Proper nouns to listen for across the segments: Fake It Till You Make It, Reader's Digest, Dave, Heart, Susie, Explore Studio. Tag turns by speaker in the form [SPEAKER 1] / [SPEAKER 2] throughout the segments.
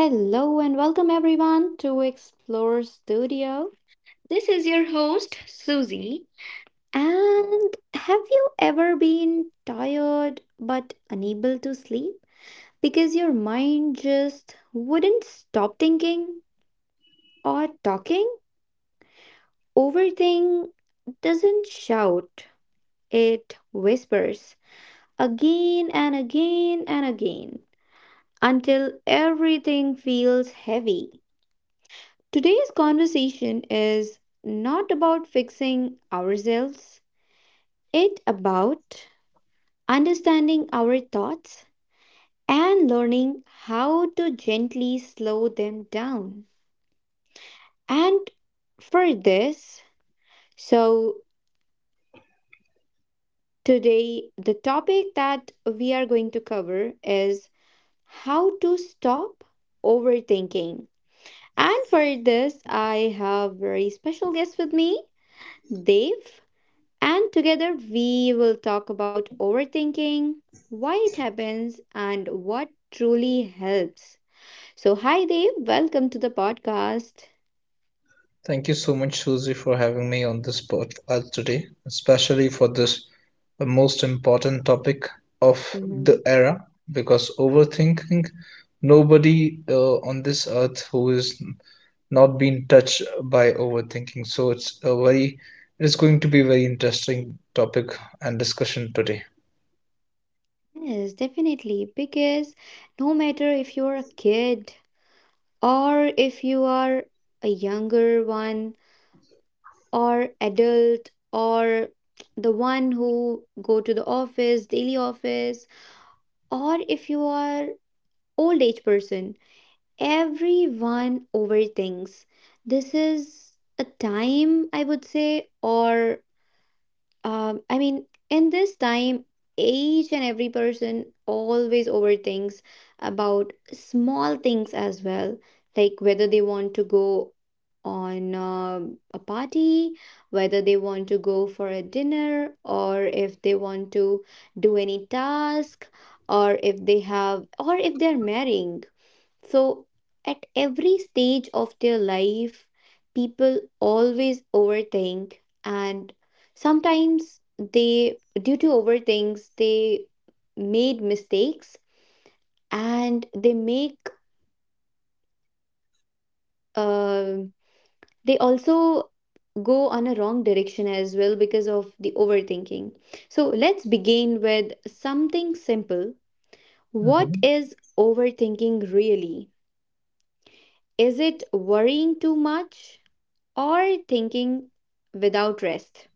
[SPEAKER 1] Hello and welcome everyone to Explore Studio. This is your host, Susie. And have you ever been tired but unable to sleep because your mind just wouldn't stop thinking or talking? Overthink doesn't shout, it whispers again and again and again until everything feels heavy. Today's conversation is not about fixing ourselves, it's about understanding our thoughts and learning how to gently slow them down. And for this, so today the topic that we are going to cover is how to stop overthinking. And for this, I have very special guest with me, Dave. And together we will talk about overthinking, why it happens, and what truly helps. So, hi Dave, welcome to the podcast.
[SPEAKER 2] Thank you so much, Susie, for having me on this podcast today, especially for this most important topic of the
[SPEAKER 1] Mhm.
[SPEAKER 2] era. Because overthinking, nobody on this earth who is not been touched by overthinking. So it's going to be very interesting topic and discussion today.
[SPEAKER 1] Yes, definitely. Because no matter if you're a kid or if you are a younger one or adult or the one who go to the office, daily office, or if you are old age person. Everyone overthinks. This is a time, I would say, or I mean, in this time, each and every person always overthinks about small things as well, like whether they want to go on a party, whether they want to go for a dinner, or if they want to do any task, or if they're marrying. So, at every stage of their life, people always overthink, and sometimes they, due to overthinks, they made mistakes, and uh, they also go on a wrong direction as well because of the overthinking. So, let's begin with something simple. What
[SPEAKER 2] Mhm.
[SPEAKER 1] is overthinking really? Is it worrying too much or thinking without rest?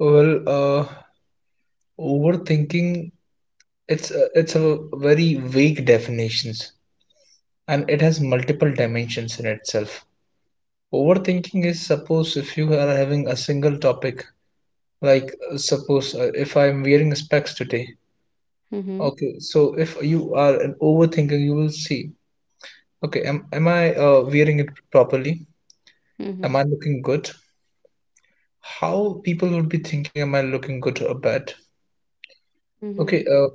[SPEAKER 2] Well, uh, overthinking, it's a very vague definitions and it has multiple dimensions in itself. Overthinking is suppose if you are having a single topic, like suppose if I am wearing specs today.
[SPEAKER 1] Mm-hmm.
[SPEAKER 2] Okay, so if you are an overthinking, you will see, okay, am I wearing it properly? Am
[SPEAKER 1] Mm-hmm.
[SPEAKER 2] I looking good? How people would be thinking, am I looking good or bad? Okay,
[SPEAKER 1] Mm-hmm,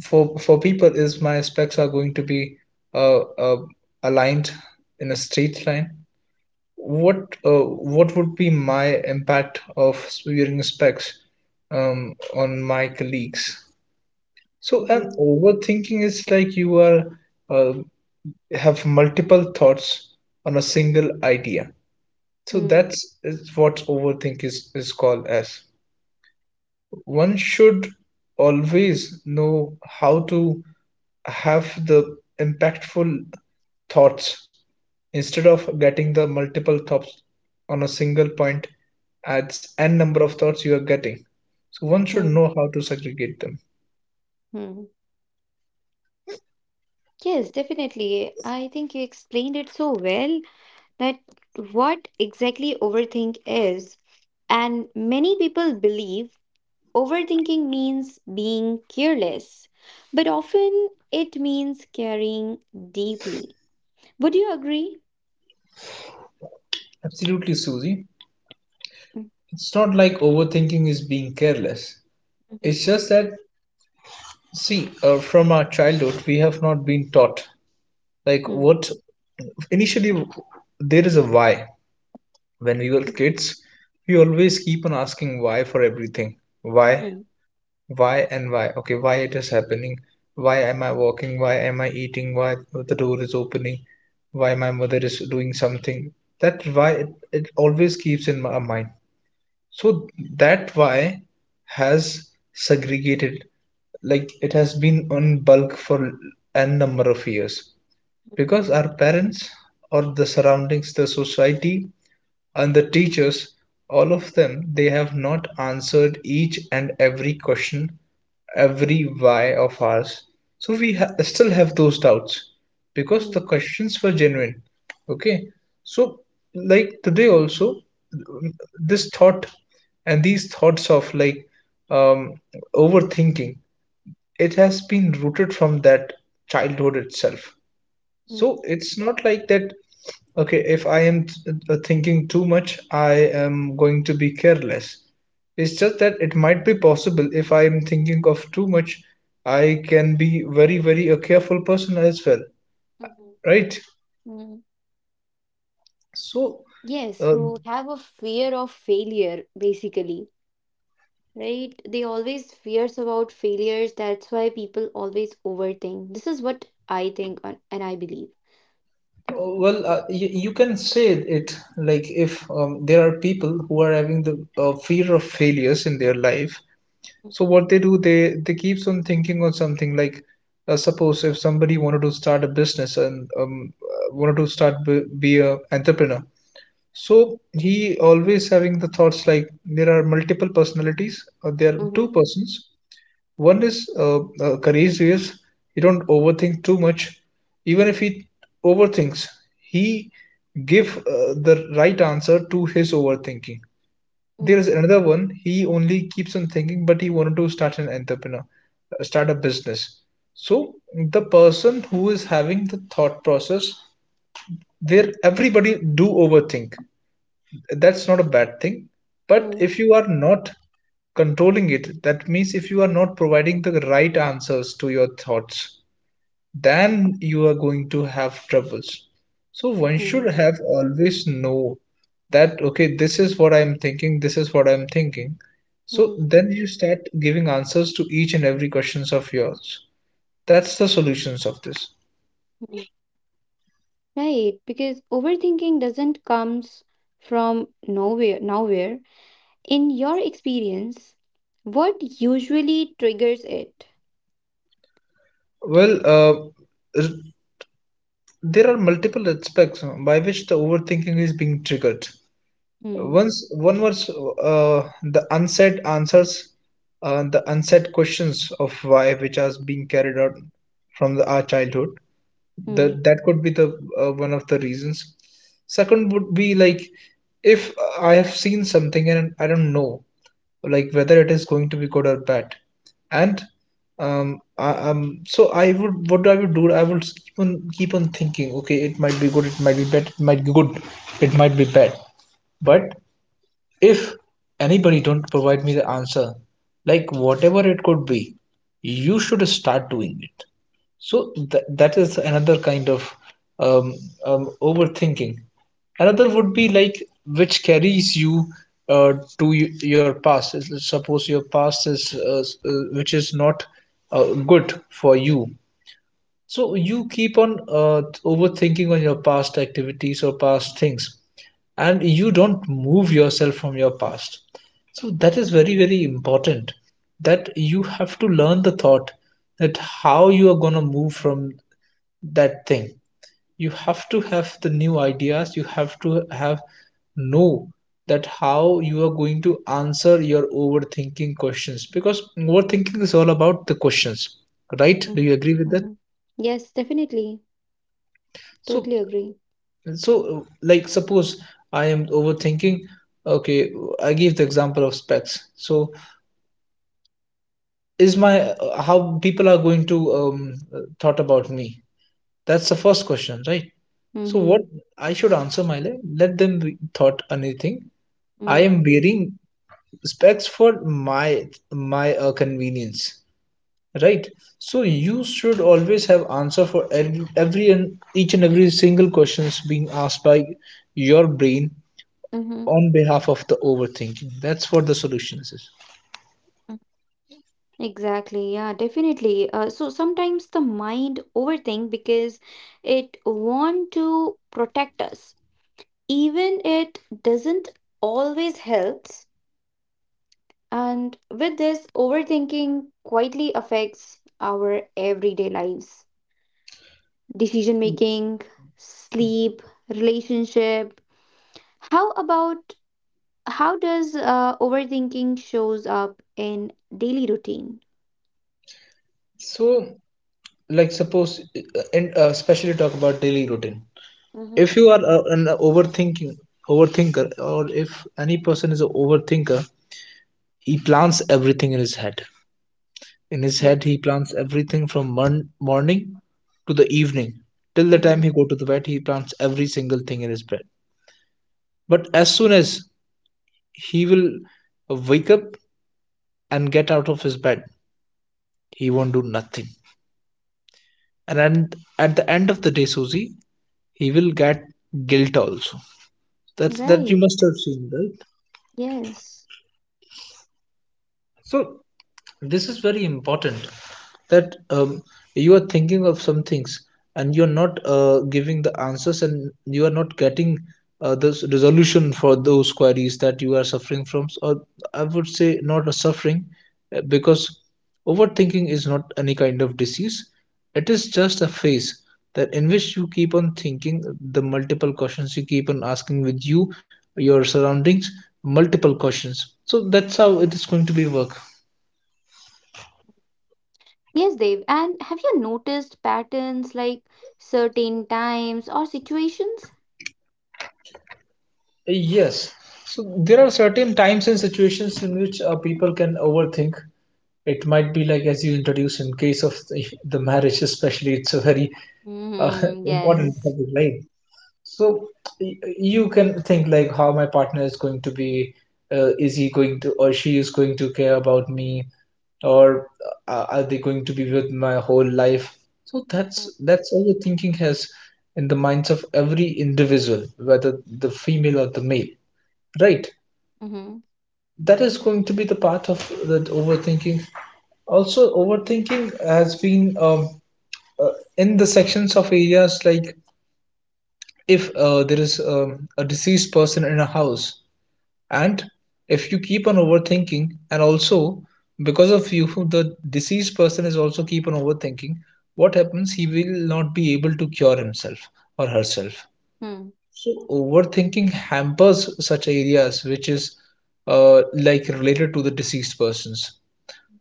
[SPEAKER 2] for people, is my specs are going to be uh, uh, aligned in a straight line? what uh, what would be my impact of wearing specs on my colleagues? So,
[SPEAKER 1] mm-hmm,
[SPEAKER 2] overthinking is like you are uh, have multiple thoughts on a single idea. So
[SPEAKER 1] mm,
[SPEAKER 2] that's is what overthink is called as. One should always know how to have the impactful thoughts instead of getting the multiple thoughts on a single point adds n number of thoughts you are getting. So one should
[SPEAKER 1] mm,
[SPEAKER 2] know how to segregate them.
[SPEAKER 1] mm. Yes, definitely. I think you explained it so well that what exactly overthink is. And many people believe overthinking means being careless, but often it means caring deeply. Would you agree?
[SPEAKER 2] Absolutely, Susie.
[SPEAKER 1] Mm,
[SPEAKER 2] It's not like overthinking is being careless,
[SPEAKER 1] mhm,
[SPEAKER 2] it's just that, see, from our childhood we have not been taught, like
[SPEAKER 1] mm,
[SPEAKER 2] what, initially there is a why. When we were
[SPEAKER 1] mm,
[SPEAKER 2] kids, we always keep on asking why for everything. why
[SPEAKER 1] hmm,
[SPEAKER 2] why and why. Okay, why it is happening, why am I walking, why am I eating, why the door is opening, why
[SPEAKER 1] mm,
[SPEAKER 2] my mother is doing something. That why it always keeps in my mind. So that why has segregated, like it has been on bulk for n number of years, because our parents or the surroundings, the society and the teachers, all of them, they have not answered each and every question, every why of ours. So we still have those doubts because the
[SPEAKER 1] mm,
[SPEAKER 2] questions were genuine. Okay. So, like today also, this thought and these thoughts of like, um, overthinking, it has been rooted from that childhood itself.
[SPEAKER 1] mm,
[SPEAKER 2] So it's not like that, okay, if I am thinking too much, I am going to be careless. It's just that it might be possible if I am thinking of too much, I can be very, very a careful person as well,
[SPEAKER 1] mhm,
[SPEAKER 2] right?
[SPEAKER 1] mm.
[SPEAKER 2] So,
[SPEAKER 1] Yes,
[SPEAKER 2] uh,
[SPEAKER 1] who have a fear of failure, basically, right? They always fears about failures. That's why people always overthink. This is what I think, and I believe.
[SPEAKER 2] well, you can say it like if, there are people who are having the fear of failures in their life, so what they do, they keeps on thinking on something like, suppose if somebody wanted to start a business and wanted to start be a entrepreneur. So he always having the thoughts, like there are multiple personalities, or there are
[SPEAKER 1] Mm-hmm,
[SPEAKER 2] two persons. One is courageous, he don't overthink too much. Even if he overthinks, he give the right answer to his overthinking.
[SPEAKER 1] mm-hmm,
[SPEAKER 2] There's another one. He only keeps on thinking, but he wanted to start an entrepreneur, start a business. So the person who is having the thought process, there everybody do overthink. That's not a bad thing. But
[SPEAKER 1] mm-hmm,
[SPEAKER 2] if you are not controlling it, that means if you are not providing the right answers to your thoughts, then you are going to have troubles. So one
[SPEAKER 1] mm-hmm,
[SPEAKER 2] should have always know that okay, this is what I'm thinking, this is what I'm thinking. So
[SPEAKER 1] mm-hmm.
[SPEAKER 2] then you start giving answers to each and every questions of yours. That's the solutions of this.
[SPEAKER 1] Right, because overthinking doesn't comes from nowhere. Nowhere. In your experience, what usually triggers it?
[SPEAKER 2] Well, r- there are multiple aspects by which the overthinking is being triggered.
[SPEAKER 1] Mm,
[SPEAKER 2] Once one was the unsaid answers, the unsaid questions of why, which are being carried out from our childhood.
[SPEAKER 1] mm,
[SPEAKER 2] That could be the one of the reasons. Second would be like, if I have seen something and I don't know, like whether it is going to be good or bad, and, so I would, what I would do? I would keep on thinking. Okay, it might be good, it might be bad, it might be good, it might be bad, but if anybody don't provide me the answer, like whatever it could be, you should start doing it. So that is another kind of um, overthinking. Another would be like which carries you uh, to your past. Suppose your past is which is not good for you, so you keep on overthinking on your past activities or past things, and you don't move yourself from your past. So that is very very important that you have to learn the thought, that how you are going to move from that thing. You have to have the new ideas, you have to have know that how you are going to answer your overthinking questions, because overthinking is all about the questions, right?
[SPEAKER 1] mm,
[SPEAKER 2] Do you agree with that?
[SPEAKER 1] mm-hmm. Yes, definitely.
[SPEAKER 2] so
[SPEAKER 1] Totally agree.
[SPEAKER 2] So, like, suppose I am overthinking. Okay, I gave the example of specs. So, is my, how people are going to thought about me? That's the first question, right? So,
[SPEAKER 1] Mm-hmm,
[SPEAKER 2] what I should answer my life? Let them thought anything. I
[SPEAKER 1] mm-hmm,
[SPEAKER 2] am wearing specs for my convenience, right? So, you should always have answer for every and each and every single questions being asked by your brain
[SPEAKER 1] mm-hmm,
[SPEAKER 2] on behalf of the overthinking. That's what the solution is.
[SPEAKER 1] mm-hmm. Exactly. Yeah, definitely. So sometimes the mind overthink because it want to protect us, even it doesn't always helps. And with this, overthinking quietly affects our everyday lives, decision making, sleep, relationship. How about how does overthinking shows up in daily routine?
[SPEAKER 2] So, like suppose and especially talk about daily routine,
[SPEAKER 1] Mm-hmm.
[SPEAKER 2] if you are an overthinking overthinker, or if any person is an overthinker, he plans everything in his head. In his head he plans everything from morning to the evening, till the time
[SPEAKER 1] Mm-hmm.
[SPEAKER 2] he go to the bed, he plans every single thing in his bed. But as soon as he will wake up and get out of his bed, he won't do nothing. And at the end of the day, Susie, he will get guilt also. That's that you must
[SPEAKER 1] Right.
[SPEAKER 2] have seen, right?
[SPEAKER 1] Yes.
[SPEAKER 2] So this is very important that, you are thinking of some things and you're not giving the answers, and you are not getting the resolution for those queries that you are suffering from, or I would say not a suffering, because overthinking is not any kind of disease. It is just a phase that in which you keep on thinking the multiple questions you keep on asking with you, your surroundings, multiple questions. So that's how it is going to be work.
[SPEAKER 1] Yes, Dave. And have you noticed patterns like certain times or situations?
[SPEAKER 2] Yes. So there are certain times and situations in which people can overthink. It might be like, as you introduced, in case of the marriage, especially, it's a very uh,
[SPEAKER 1] Mm-hmm.
[SPEAKER 2] important
[SPEAKER 1] Yes.
[SPEAKER 2] topic, right? So you can think like how my partner is going to be, is he going to, or she is going to care about me, or are they going to be with my whole life? So that's
[SPEAKER 1] Mm-hmm.
[SPEAKER 2] that's all the thinking has in the minds of every individual, whether the female or the male, right?
[SPEAKER 1] Mm-hmm.
[SPEAKER 2] That is going to be the part of that overthinking. Also overthinking has been, uh, in the sections of areas like, if there is a deceased person in a house, and if you keep on overthinking, and also because of you the deceased person is also keep on overthinking, what happens, he will not be able to cure himself or herself. So overthinking hampers such areas, which is like related to the deceased persons.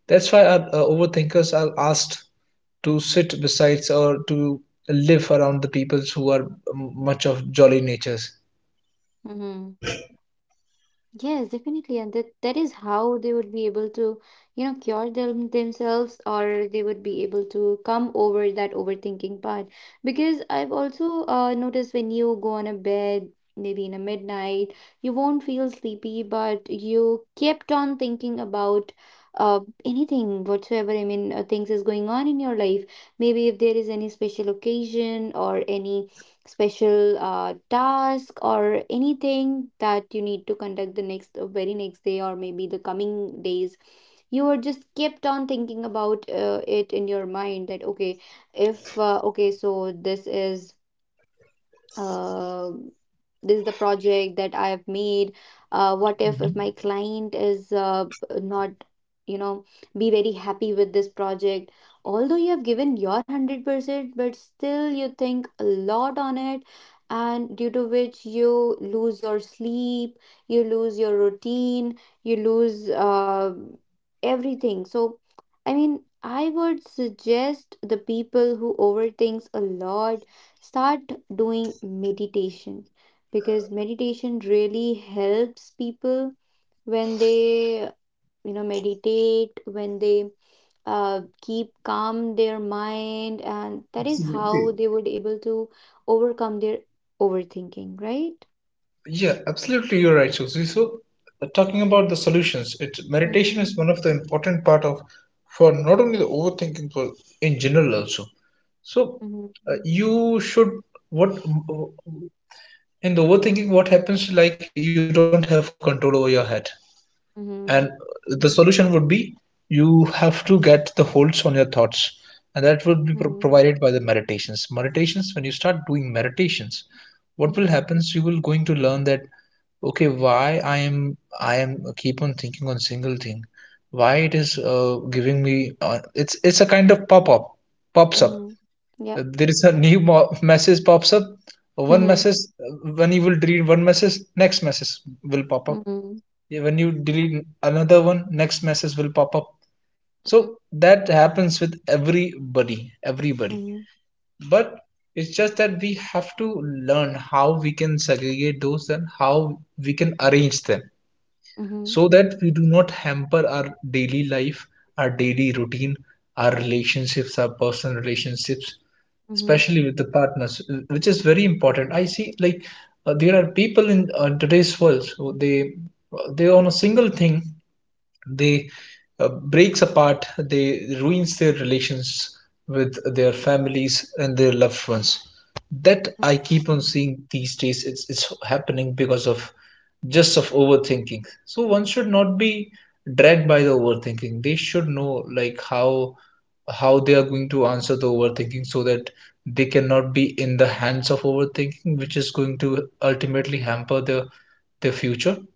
[SPEAKER 2] That's why overthinkers are asked to sit besides, or to live around the peoples who are much of jolly natures.
[SPEAKER 1] Mm-hmm. Yes, definitely, and that is how they would be able to, cure them themselves, or they would be able to come over that overthinking part. Because I've also noticed when you go on a bed, maybe in a midnight, you won't feel sleepy, but you kept on thinking about anything whatsoever. I mean, things is going on in your life. Maybe if there is any special occasion or any special task or anything that you need to conduct the next very next day or maybe the coming days, you were just kept on thinking about it in your mind that okay, if okay so this is, uh, this is the project that I have made. What if my
[SPEAKER 2] Mhm.
[SPEAKER 1] client is, not, you know, be very happy with this project, although you have given your 100%? But still you think a lot on it, and due to which you lose your sleep, you lose your routine, you lose everything. So, I mean, I would suggest the people who overthinks a lot, start doing meditation, because meditation really helps people when they, meditate, when they keep calm their mind, and that is
[SPEAKER 2] Absolutely.
[SPEAKER 1] how they would able to overcome their overthinking, right?
[SPEAKER 2] Yeah, absolutely, you're right, Susie. So, talking about the solutions, it meditation
[SPEAKER 1] Mm-hmm,
[SPEAKER 2] is one of the important part of, for not only the overthinking, but in general also. So,
[SPEAKER 1] mm-hmm,
[SPEAKER 2] you should, what, in the overthinking, what happens, like you don't have control over your head. And
[SPEAKER 1] mm-hmm,
[SPEAKER 2] the solution would be, you have to get the holds on your thoughts, and that would be provided by the meditations. When you start doing meditations, what
[SPEAKER 1] mm-hmm,
[SPEAKER 2] will happen is, you will going to learn that, okay, why I am keep on thinking on single thing, why it is giving me, it's a kind of pop up, pops up.
[SPEAKER 1] mm-hmm. Yep.
[SPEAKER 2] There is a new message pops up. One
[SPEAKER 1] Mm-hmm,
[SPEAKER 2] message, uh, when you will read one message, next message will pop up.
[SPEAKER 1] mm-hmm,
[SPEAKER 2] Yeah, when you delete another one, next message will pop up. So that happens with everybody, everybody.
[SPEAKER 1] mm-hmm,
[SPEAKER 2] But it's just that we have to learn how we can segregate those and how we can arrange them
[SPEAKER 1] mm-hmm,
[SPEAKER 2] so that we do not hamper our daily life, our daily routine, our relationships, our personal relationships,
[SPEAKER 1] mm-hmm.
[SPEAKER 2] especially with the partners, which is very important. I see like there are people in today's world, so they on a single thing they breaks apart, they ruins their relations with their families and their loved ones. That I keep on seeing these days. It's happening because of just of overthinking. So one should not be dragged by the overthinking. They should know like how they are going to answer the overthinking so that they cannot be in the hands of overthinking, which is going to ultimately hamper their future.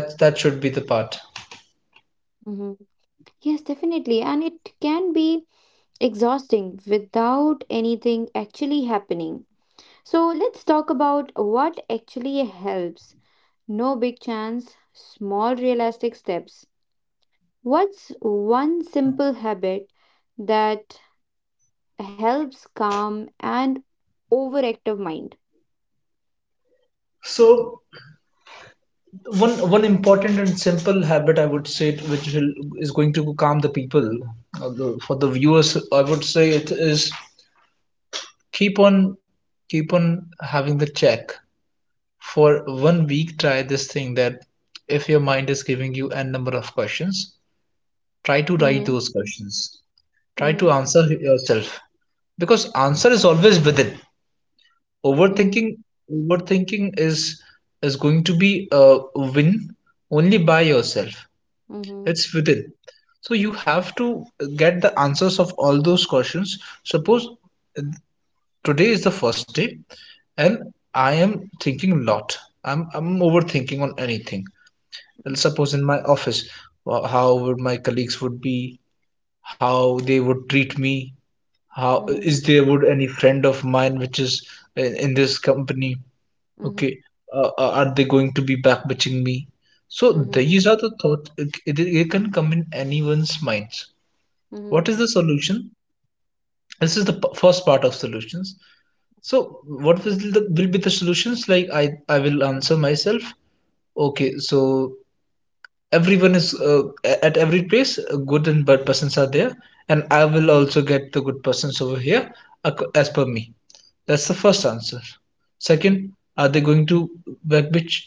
[SPEAKER 2] That should be the part.
[SPEAKER 1] Mm-hmm. Yes, definitely. And it can be exhausting without anything actually happening. So let's talk about what actually helps. No big chance, small realistic steps. What's one simple habit that helps calm and overactive mind?
[SPEAKER 2] So one important and simple habit I would say which will, is going to calm the people, for the viewers I would say, it is keep on keep on having the check for 1 week. Try this thing that if your mind is giving you n number of questions, try to write
[SPEAKER 1] Mm-hmm.
[SPEAKER 2] those questions, try to
[SPEAKER 1] Mm-hmm.
[SPEAKER 2] answer yourself, because answer is always within. Overthinking overthinking is going to be a win only by yourself.
[SPEAKER 1] Mm-hmm. Mm-hmm.
[SPEAKER 2] It's within. So you have to get the answers of all those questions. Suppose uh, today is the first day and I am thinking a lot. I'm overthinking on anything. Well, suppose in my office, how would my colleagues would be, how they would treat me, how
[SPEAKER 1] Mm-hmm.
[SPEAKER 2] is there would any friend of mine which is in this company?
[SPEAKER 1] Mm-hmm.
[SPEAKER 2] Okay, are they going to be backbitching me? So these are the thoughts. It can come in anyone's minds.
[SPEAKER 1] Mm-hmm.
[SPEAKER 2] What is the solution? This is the first part of solutions. So what will, the, will be the solutions? Like I will answer myself. Okay, so everyone is at every place, good and bad persons are there, and I will also get the good persons over here, as per me. That's the first answer. Second, are they going to backbitch?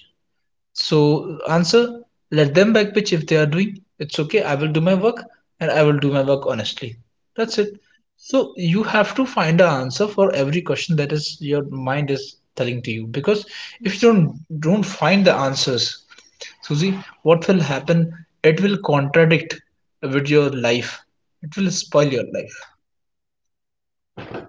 [SPEAKER 2] So, answer, let them backpitch if they are doing. It's okay. I will do my work, and I will do my work honestly. That's it. So you have to find an answer for every question that is your mind is telling to you. Because if
[SPEAKER 1] Mm-hmm.
[SPEAKER 2] you don't find the answers, Susie, what will happen? It will contradict with your life. It will spoil your life.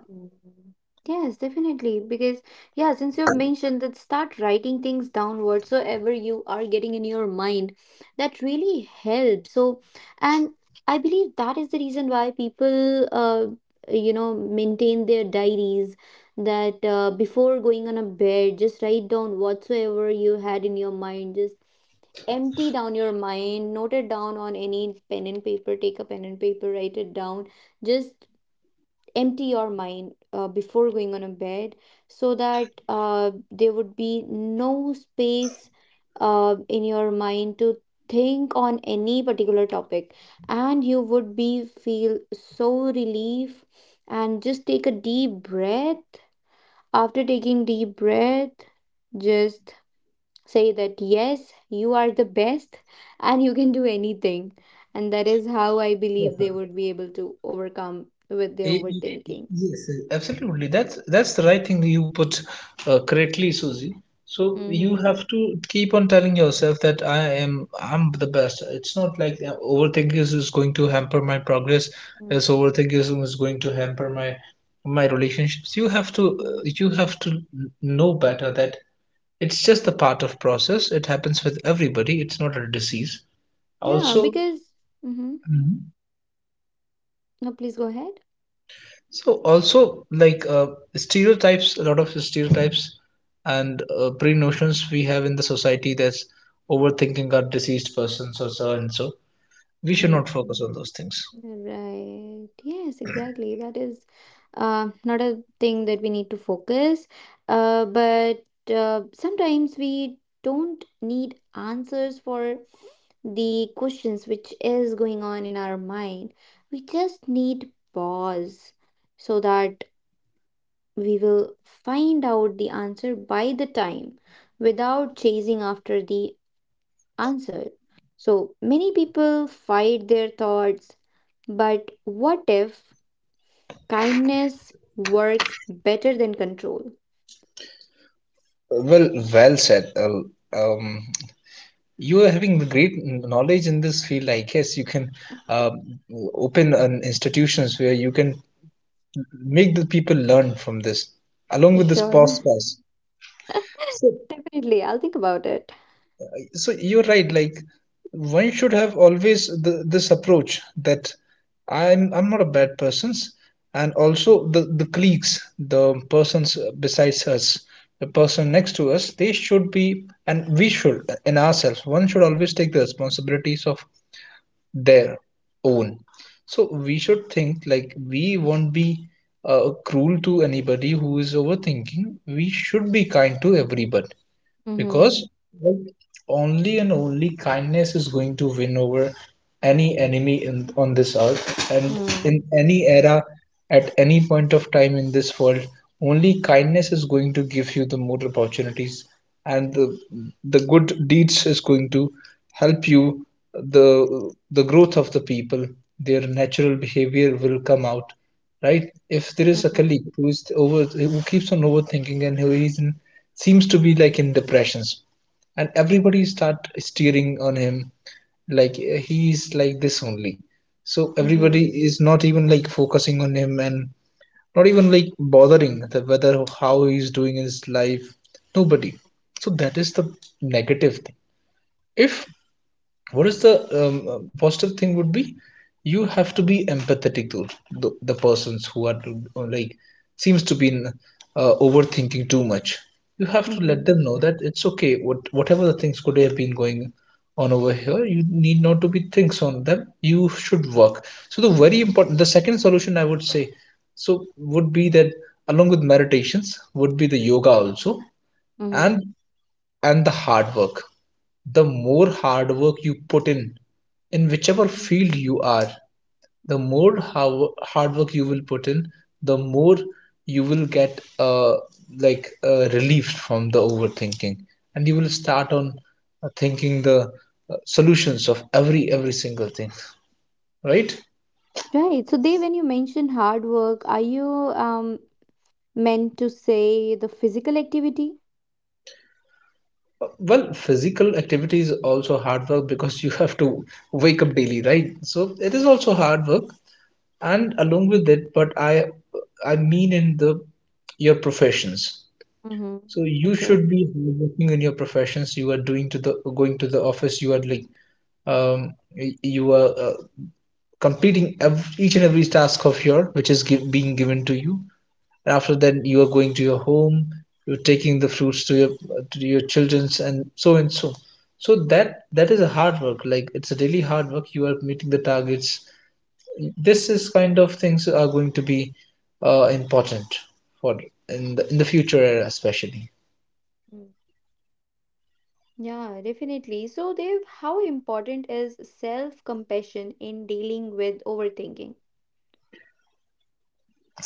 [SPEAKER 1] Mm. Yes, definitely. Because, yeah, since you have mentioned that start writing things down whatsoever you are getting in your mind, that really helps. So, and I believe that is the reason why people, you know, maintain their diaries, that before going on a bed, just write down whatsoever you had in your mind. Just empty down your mind, note it down on any pen and paper, take a pen and paper, write it down. Just empty your mind before going on a bed, so that there would be no space in your mind to think on any particular topic, and you would be feel so relief. And just take a deep breath. After taking deep breath, just say that yes, you are the best and you can do anything, and that is how I believe they would be able to overcome with their overthinking.
[SPEAKER 2] Yes, yes, absolutely. That's the right thing you put correctly, Susie. So you
[SPEAKER 1] Mm-hmm.
[SPEAKER 2] have to keep on telling yourself that I'm the best. It's not like overthinking is going to hamper my progress. As
[SPEAKER 1] Mm-hmm.
[SPEAKER 2] overthinking is going to hamper my relationships.
[SPEAKER 1] Mm-hmm.
[SPEAKER 2] You have to know better that it's just a part of process. It happens with everybody. It's not a disease.
[SPEAKER 1] Yeah,
[SPEAKER 2] Also,
[SPEAKER 1] because. Mm-hmm. No, please go ahead.
[SPEAKER 2] so also like stereotypes, a lot of stereotypes and pre notions we have in the society, that's overthinking are deceased persons or so and so. We should
[SPEAKER 1] Mm.
[SPEAKER 2] not focus on those things.
[SPEAKER 1] Right. Yes, exactly. That is not a thing that we need to focus. But sometimes we don't need answers for the questions which is going on in our mind. We just need pause, so that we will find out the answer by the time without chasing after the answer. So many people fight their thoughts, but what if kindness works better than control?
[SPEAKER 2] Well, well said. Um, You are having the great knowledge in this field. I guess you can um, open an institutions where you can make the people learn from this, along with this
[SPEAKER 1] Sure.
[SPEAKER 2] podcast. So
[SPEAKER 1] Definitely, I'll think about it.
[SPEAKER 2] so you're right, like one should have always the, this approach that I'm not a bad person, and also the colleagues, the persons besides us, the person next to us, they should be, and we should in ourselves, one should always take the responsibilities of their own. So we should think like we won't be cruel to anybody who is overthinking. We should be kind to everybody,
[SPEAKER 1] Mm-hmm.
[SPEAKER 2] because like, only and only kindness is going to win over any enemy in, on this earth, and
[SPEAKER 1] Mm-hmm.
[SPEAKER 2] in any era, at any point of time in this world, only kindness is going to give you the more opportunities, and the good deeds is going to help you, the growth of the people, their natural behavior will come out, right? If there is a
[SPEAKER 1] Mm-hmm.
[SPEAKER 2] colleague who is over, who keeps on overthinking and who is in, seems to be like in depressions, and everybody start steering on him, like he is like this only. So everybody is not even like focusing on him, and not even like bothering the whether how he is doing in his life. Nobody. So that is the negative thing. If what is the positive thing would be, you have to be empathetic to the persons who are like seems to be in, overthinking too much. You have to let
[SPEAKER 1] Mm-hmm.
[SPEAKER 2] them know that it's okay, what whatever the things could have been going on over here, you need not to be things on them, you should work. So the very important, the second solution I would say, so would be that along with meditations would be the yoga also,
[SPEAKER 1] Mm-hmm.
[SPEAKER 2] and and the hard work. The more hard work you put in whichever field you are, the more hard work you will put in, the more you will get like relieved from the overthinking, and you will start on thinking the solutions of every single thing, right?
[SPEAKER 1] Right. So, Dave, when you mention hard work, are you meant to say the physical activity?
[SPEAKER 2] Well, physical activity is also hard work, because you have to wake up daily, right? So it is also hard work, and along with it, but I mean in the your professions,
[SPEAKER 1] Mm-hmm.
[SPEAKER 2] so you
[SPEAKER 1] Okay.
[SPEAKER 2] should be working in your professions, you are doing to the going to the office, you are like you are completing each and every task of your which is giv being given to you, and after that you are going to your home, you're taking the fruits to your children's, and so and so. So that is a hard work, like it's a really hard work, you are meeting the targets. This is kind of things are going to be important for in the future era especially.
[SPEAKER 1] Yeah, definitely. So, Dev, how important is self-compassion in dealing with overthinking?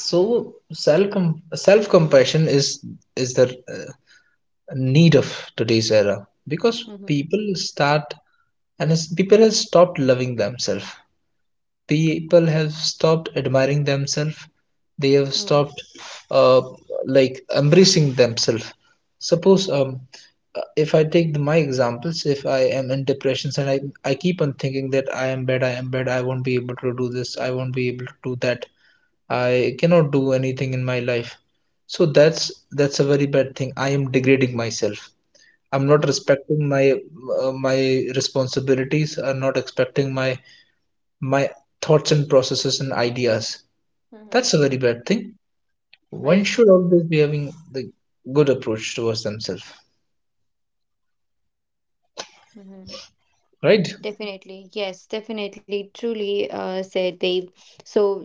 [SPEAKER 2] So self compassion is the uh, need of today's era, because
[SPEAKER 1] Mm-hmm.
[SPEAKER 2] people start, and as people have stopped loving themselves, people have stopped admiring themselves, they have
[SPEAKER 1] Mm-hmm.
[SPEAKER 2] stopped uh, like embracing themselves. Suppose if I take the, my examples, if I am in depressions, and I keep on thinking that I am bad, I am bad, I won't be able to do this, I won't be able to do that, I cannot do anything in my life. So that's a very bad thing, I am degrading myself, I'm not respecting my my responsibilities, I'm not expecting my my thoughts and processes and ideas.
[SPEAKER 1] Hmm.
[SPEAKER 2] That's a very bad thing. One
[SPEAKER 1] Right.
[SPEAKER 2] should always be having the good approach towards themselves,
[SPEAKER 1] Mm-hmm.
[SPEAKER 2] right?
[SPEAKER 1] Definitely. Yes, definitely. Truly said, Dave. So,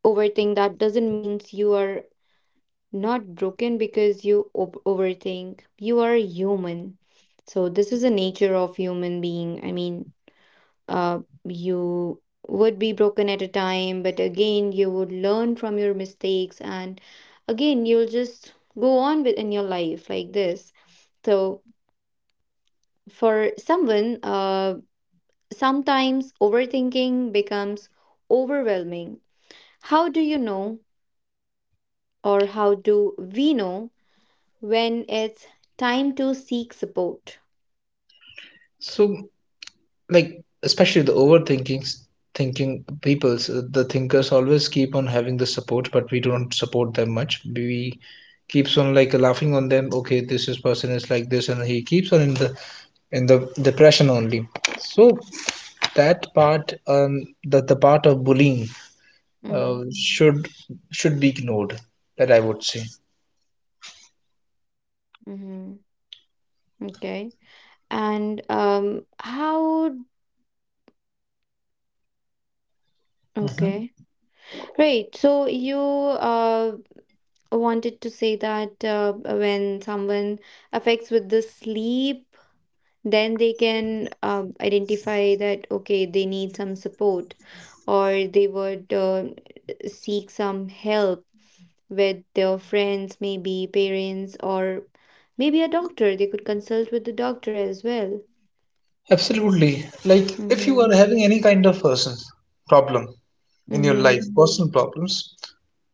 [SPEAKER 1] overthink that doesn't mean you are not broken because you ob overthink. You are human. So, this is the nature of human being. I mean, uh, you would be broken at a time, but again, you would learn from your mistakes, and again, you'll just go on with in your life like this. So, for someone, sometimes overthinking becomes overwhelming. How do you know, or how do we know, when it's time to seek support?
[SPEAKER 2] So, like, especially the overthinkings, thinking people's, the thinkers always keep on having the support, but we don't support them much. We keeps on like laughing on them. Okay, this is person is like this, and he keeps on in the depression only. So that part, the part of bullying
[SPEAKER 1] Mm-hmm.
[SPEAKER 2] uh, should should be ignored, that I would say.
[SPEAKER 1] Mm-hmm. Okay. And how?
[SPEAKER 2] Hmm,
[SPEAKER 1] Okay. Great. So you wanted to say that when someone affects with the sleep, then they can identify that, okay, they need some support, or they would seek some help with their friends, maybe parents, or maybe a doctor. They could consult with the doctor as well.
[SPEAKER 2] absolutely. Like, if you are
[SPEAKER 1] Mm-hmm.
[SPEAKER 2] having any kind of person problem in your
[SPEAKER 1] Mm-hmm.
[SPEAKER 2] life, personal problems,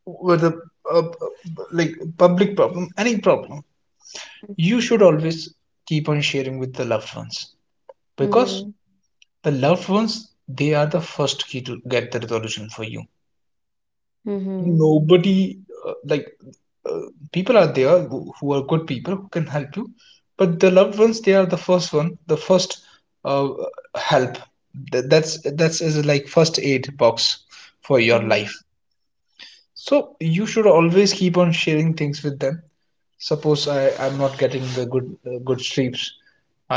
[SPEAKER 2] whether like public problem, any problem, you should always keep on sharing with the loved ones, because
[SPEAKER 1] Mm-hmm.
[SPEAKER 2] the loved ones, they are the first key to get the resolution for you.
[SPEAKER 1] Mm-hmm.
[SPEAKER 2] Nobody like uh, people are there, who are good people who can help you, but the loved ones, they are the first one, the first uh, help. That's as a, like first aid box for your
[SPEAKER 1] Mm-hmm.
[SPEAKER 2] life, so you should always keep on sharing things with them. Suppose I'm not getting the good good sleeps,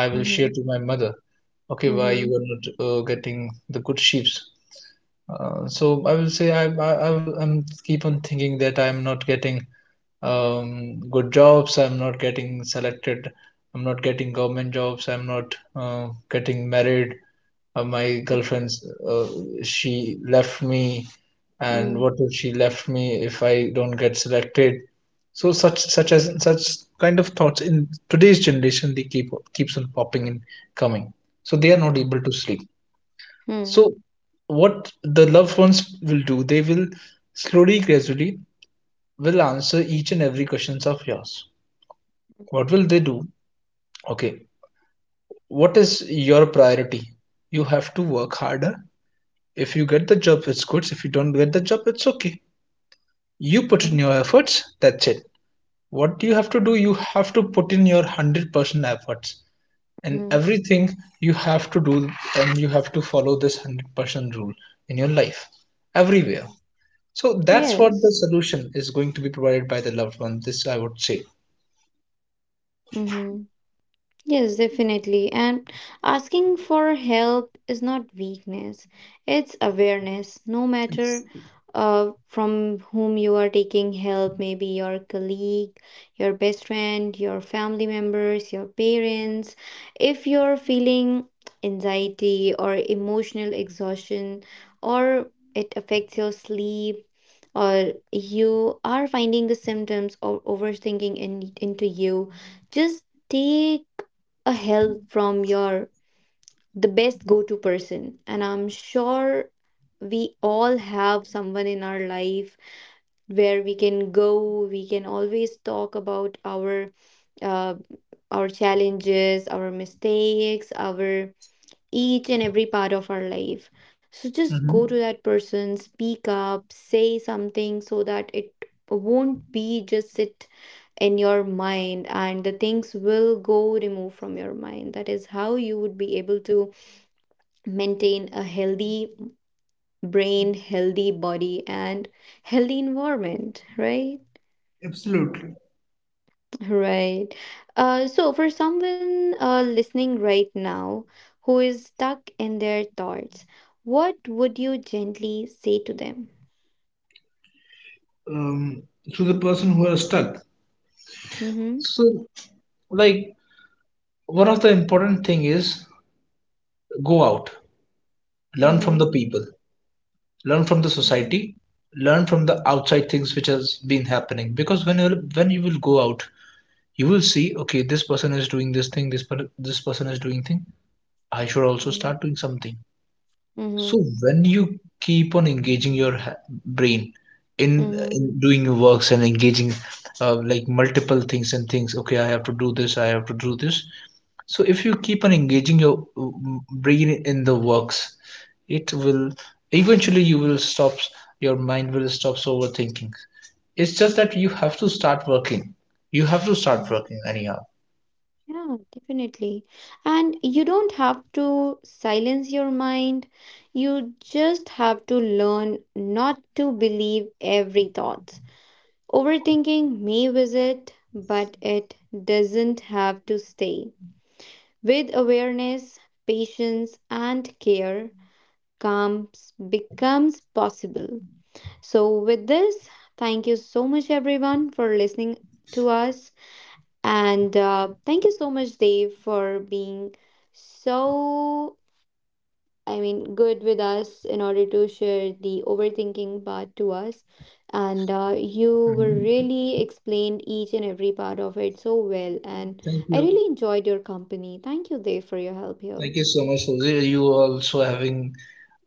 [SPEAKER 2] I will share
[SPEAKER 1] Mm-hmm.
[SPEAKER 2] to my mother. Okay, why you
[SPEAKER 1] Mm-hmm.
[SPEAKER 2] are not getting the good sheeps? So I will say, I'm keep on thinking that I'm not getting good jobs. I'm not getting selected. I'm not getting government jobs. I'm not getting married. My girlfriend's she left me, and what if she left me if I don't get selected? So such kind of thoughts in today's generation, they keeps on popping and coming. So they are not able to sleep.
[SPEAKER 1] Mm-hmm.
[SPEAKER 2] So, what the loved ones will do, they will slowly, gradually, will answer each and every questions of yours. What will they do? Okay, what is your priority? You have to work harder. If you get the job, it's good. If you don't get the job, it's okay. You put in
[SPEAKER 1] Mhm,
[SPEAKER 2] your efforts, that's it. What you have to do, you have to put in your 100% efforts. And
[SPEAKER 1] mhm,
[SPEAKER 2] everything you have to do, and you have to follow this 100% rule in your life,
[SPEAKER 1] mhm.
[SPEAKER 2] everywhere. So that's what the
[SPEAKER 1] Yes.
[SPEAKER 2] solution is going to be provided by the loved one. This I would say.
[SPEAKER 1] Hmm. Yes, definitely. And asking for help is not weakness, it's awareness. No matter from whom you are taking help, maybe your colleague, your best friend, your family members, your parents. If you're feeling anxiety or emotional exhaustion, or it affects your sleep, or you are finding the symptoms of overthinking into you, just take a help from your the best go-to person, and I'm sure we all have someone in our life where we can go, we can always talk about uh, our challenges, our mistakes, our each and every part of our life. So just go to
[SPEAKER 2] Hmm.
[SPEAKER 1] that person, speak up, say something, so that it won't be just sit in your mind, and the things will go removed from your mind. That is how you would be able to maintain a healthy brain, healthy body, and healthy environment, right?
[SPEAKER 2] Absolutely.
[SPEAKER 1] Right. So, for someone listening right now who is stuck in their thoughts, what would you gently say to them?
[SPEAKER 2] Um, to the person who are stuck.
[SPEAKER 1] Mm-hmm.
[SPEAKER 2] So like, one of the important thing is, go out, learn from the
[SPEAKER 1] Mm-hmm.
[SPEAKER 2] people, learn from the society, learn from the outside things which has been happening. Because when you will go out, you will see okay, this person is doing this thing, this person is doing thing. I should also
[SPEAKER 1] Mm-hmm.
[SPEAKER 2] start doing something. So
[SPEAKER 1] Mm-hmm.
[SPEAKER 2] when you keep on engaging your brain
[SPEAKER 1] Mm-hmm.
[SPEAKER 2] in doing your works, and engaging like multiple things and things, okay, I have to do this, I have to do this. So if you keep on engaging your brain in the works, it will eventually you will stop. Your mind will stop overthinking. It's just that you have to start working. You have to start
[SPEAKER 1] Mm-hmm.
[SPEAKER 2] working anyhow.
[SPEAKER 1] Yeah, definitely. And you don't have to silence your mind. You just have to learn not to believe every thought. Overthinking may visit, but it doesn't have to stay. With awareness, patience, and care, calm becomes possible. So, with this, thank you so much, everyone, for listening to us. And thank you so much, Dave, for being so, I mean, good with us in order to share the overthinking part to us. And you were
[SPEAKER 2] Mhm.
[SPEAKER 1] really explained each and every part of it so well. And
[SPEAKER 2] Thank
[SPEAKER 1] I
[SPEAKER 2] you.
[SPEAKER 1] really enjoyed your company. Thank you, Dave, for your help here.
[SPEAKER 2] Thank you so much, Jose. You also having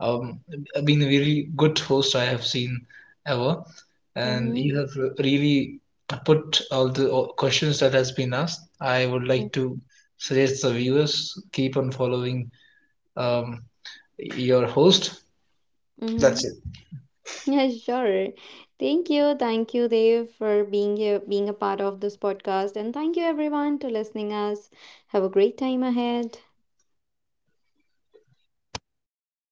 [SPEAKER 2] um, been a really good host I have seen ever, and
[SPEAKER 1] Mm-hmm.
[SPEAKER 2] you have really put all the questions that has been asked. I would
[SPEAKER 1] Mm.
[SPEAKER 2] like to suggest the viewers keep on following um, your host.
[SPEAKER 1] Mm-hmm.
[SPEAKER 2] That's it.
[SPEAKER 1] Yeah, sure. Thank you. Thank you, Dave, for being here, being a part of this podcast. And thank you everyone to listening us. Have a great time ahead.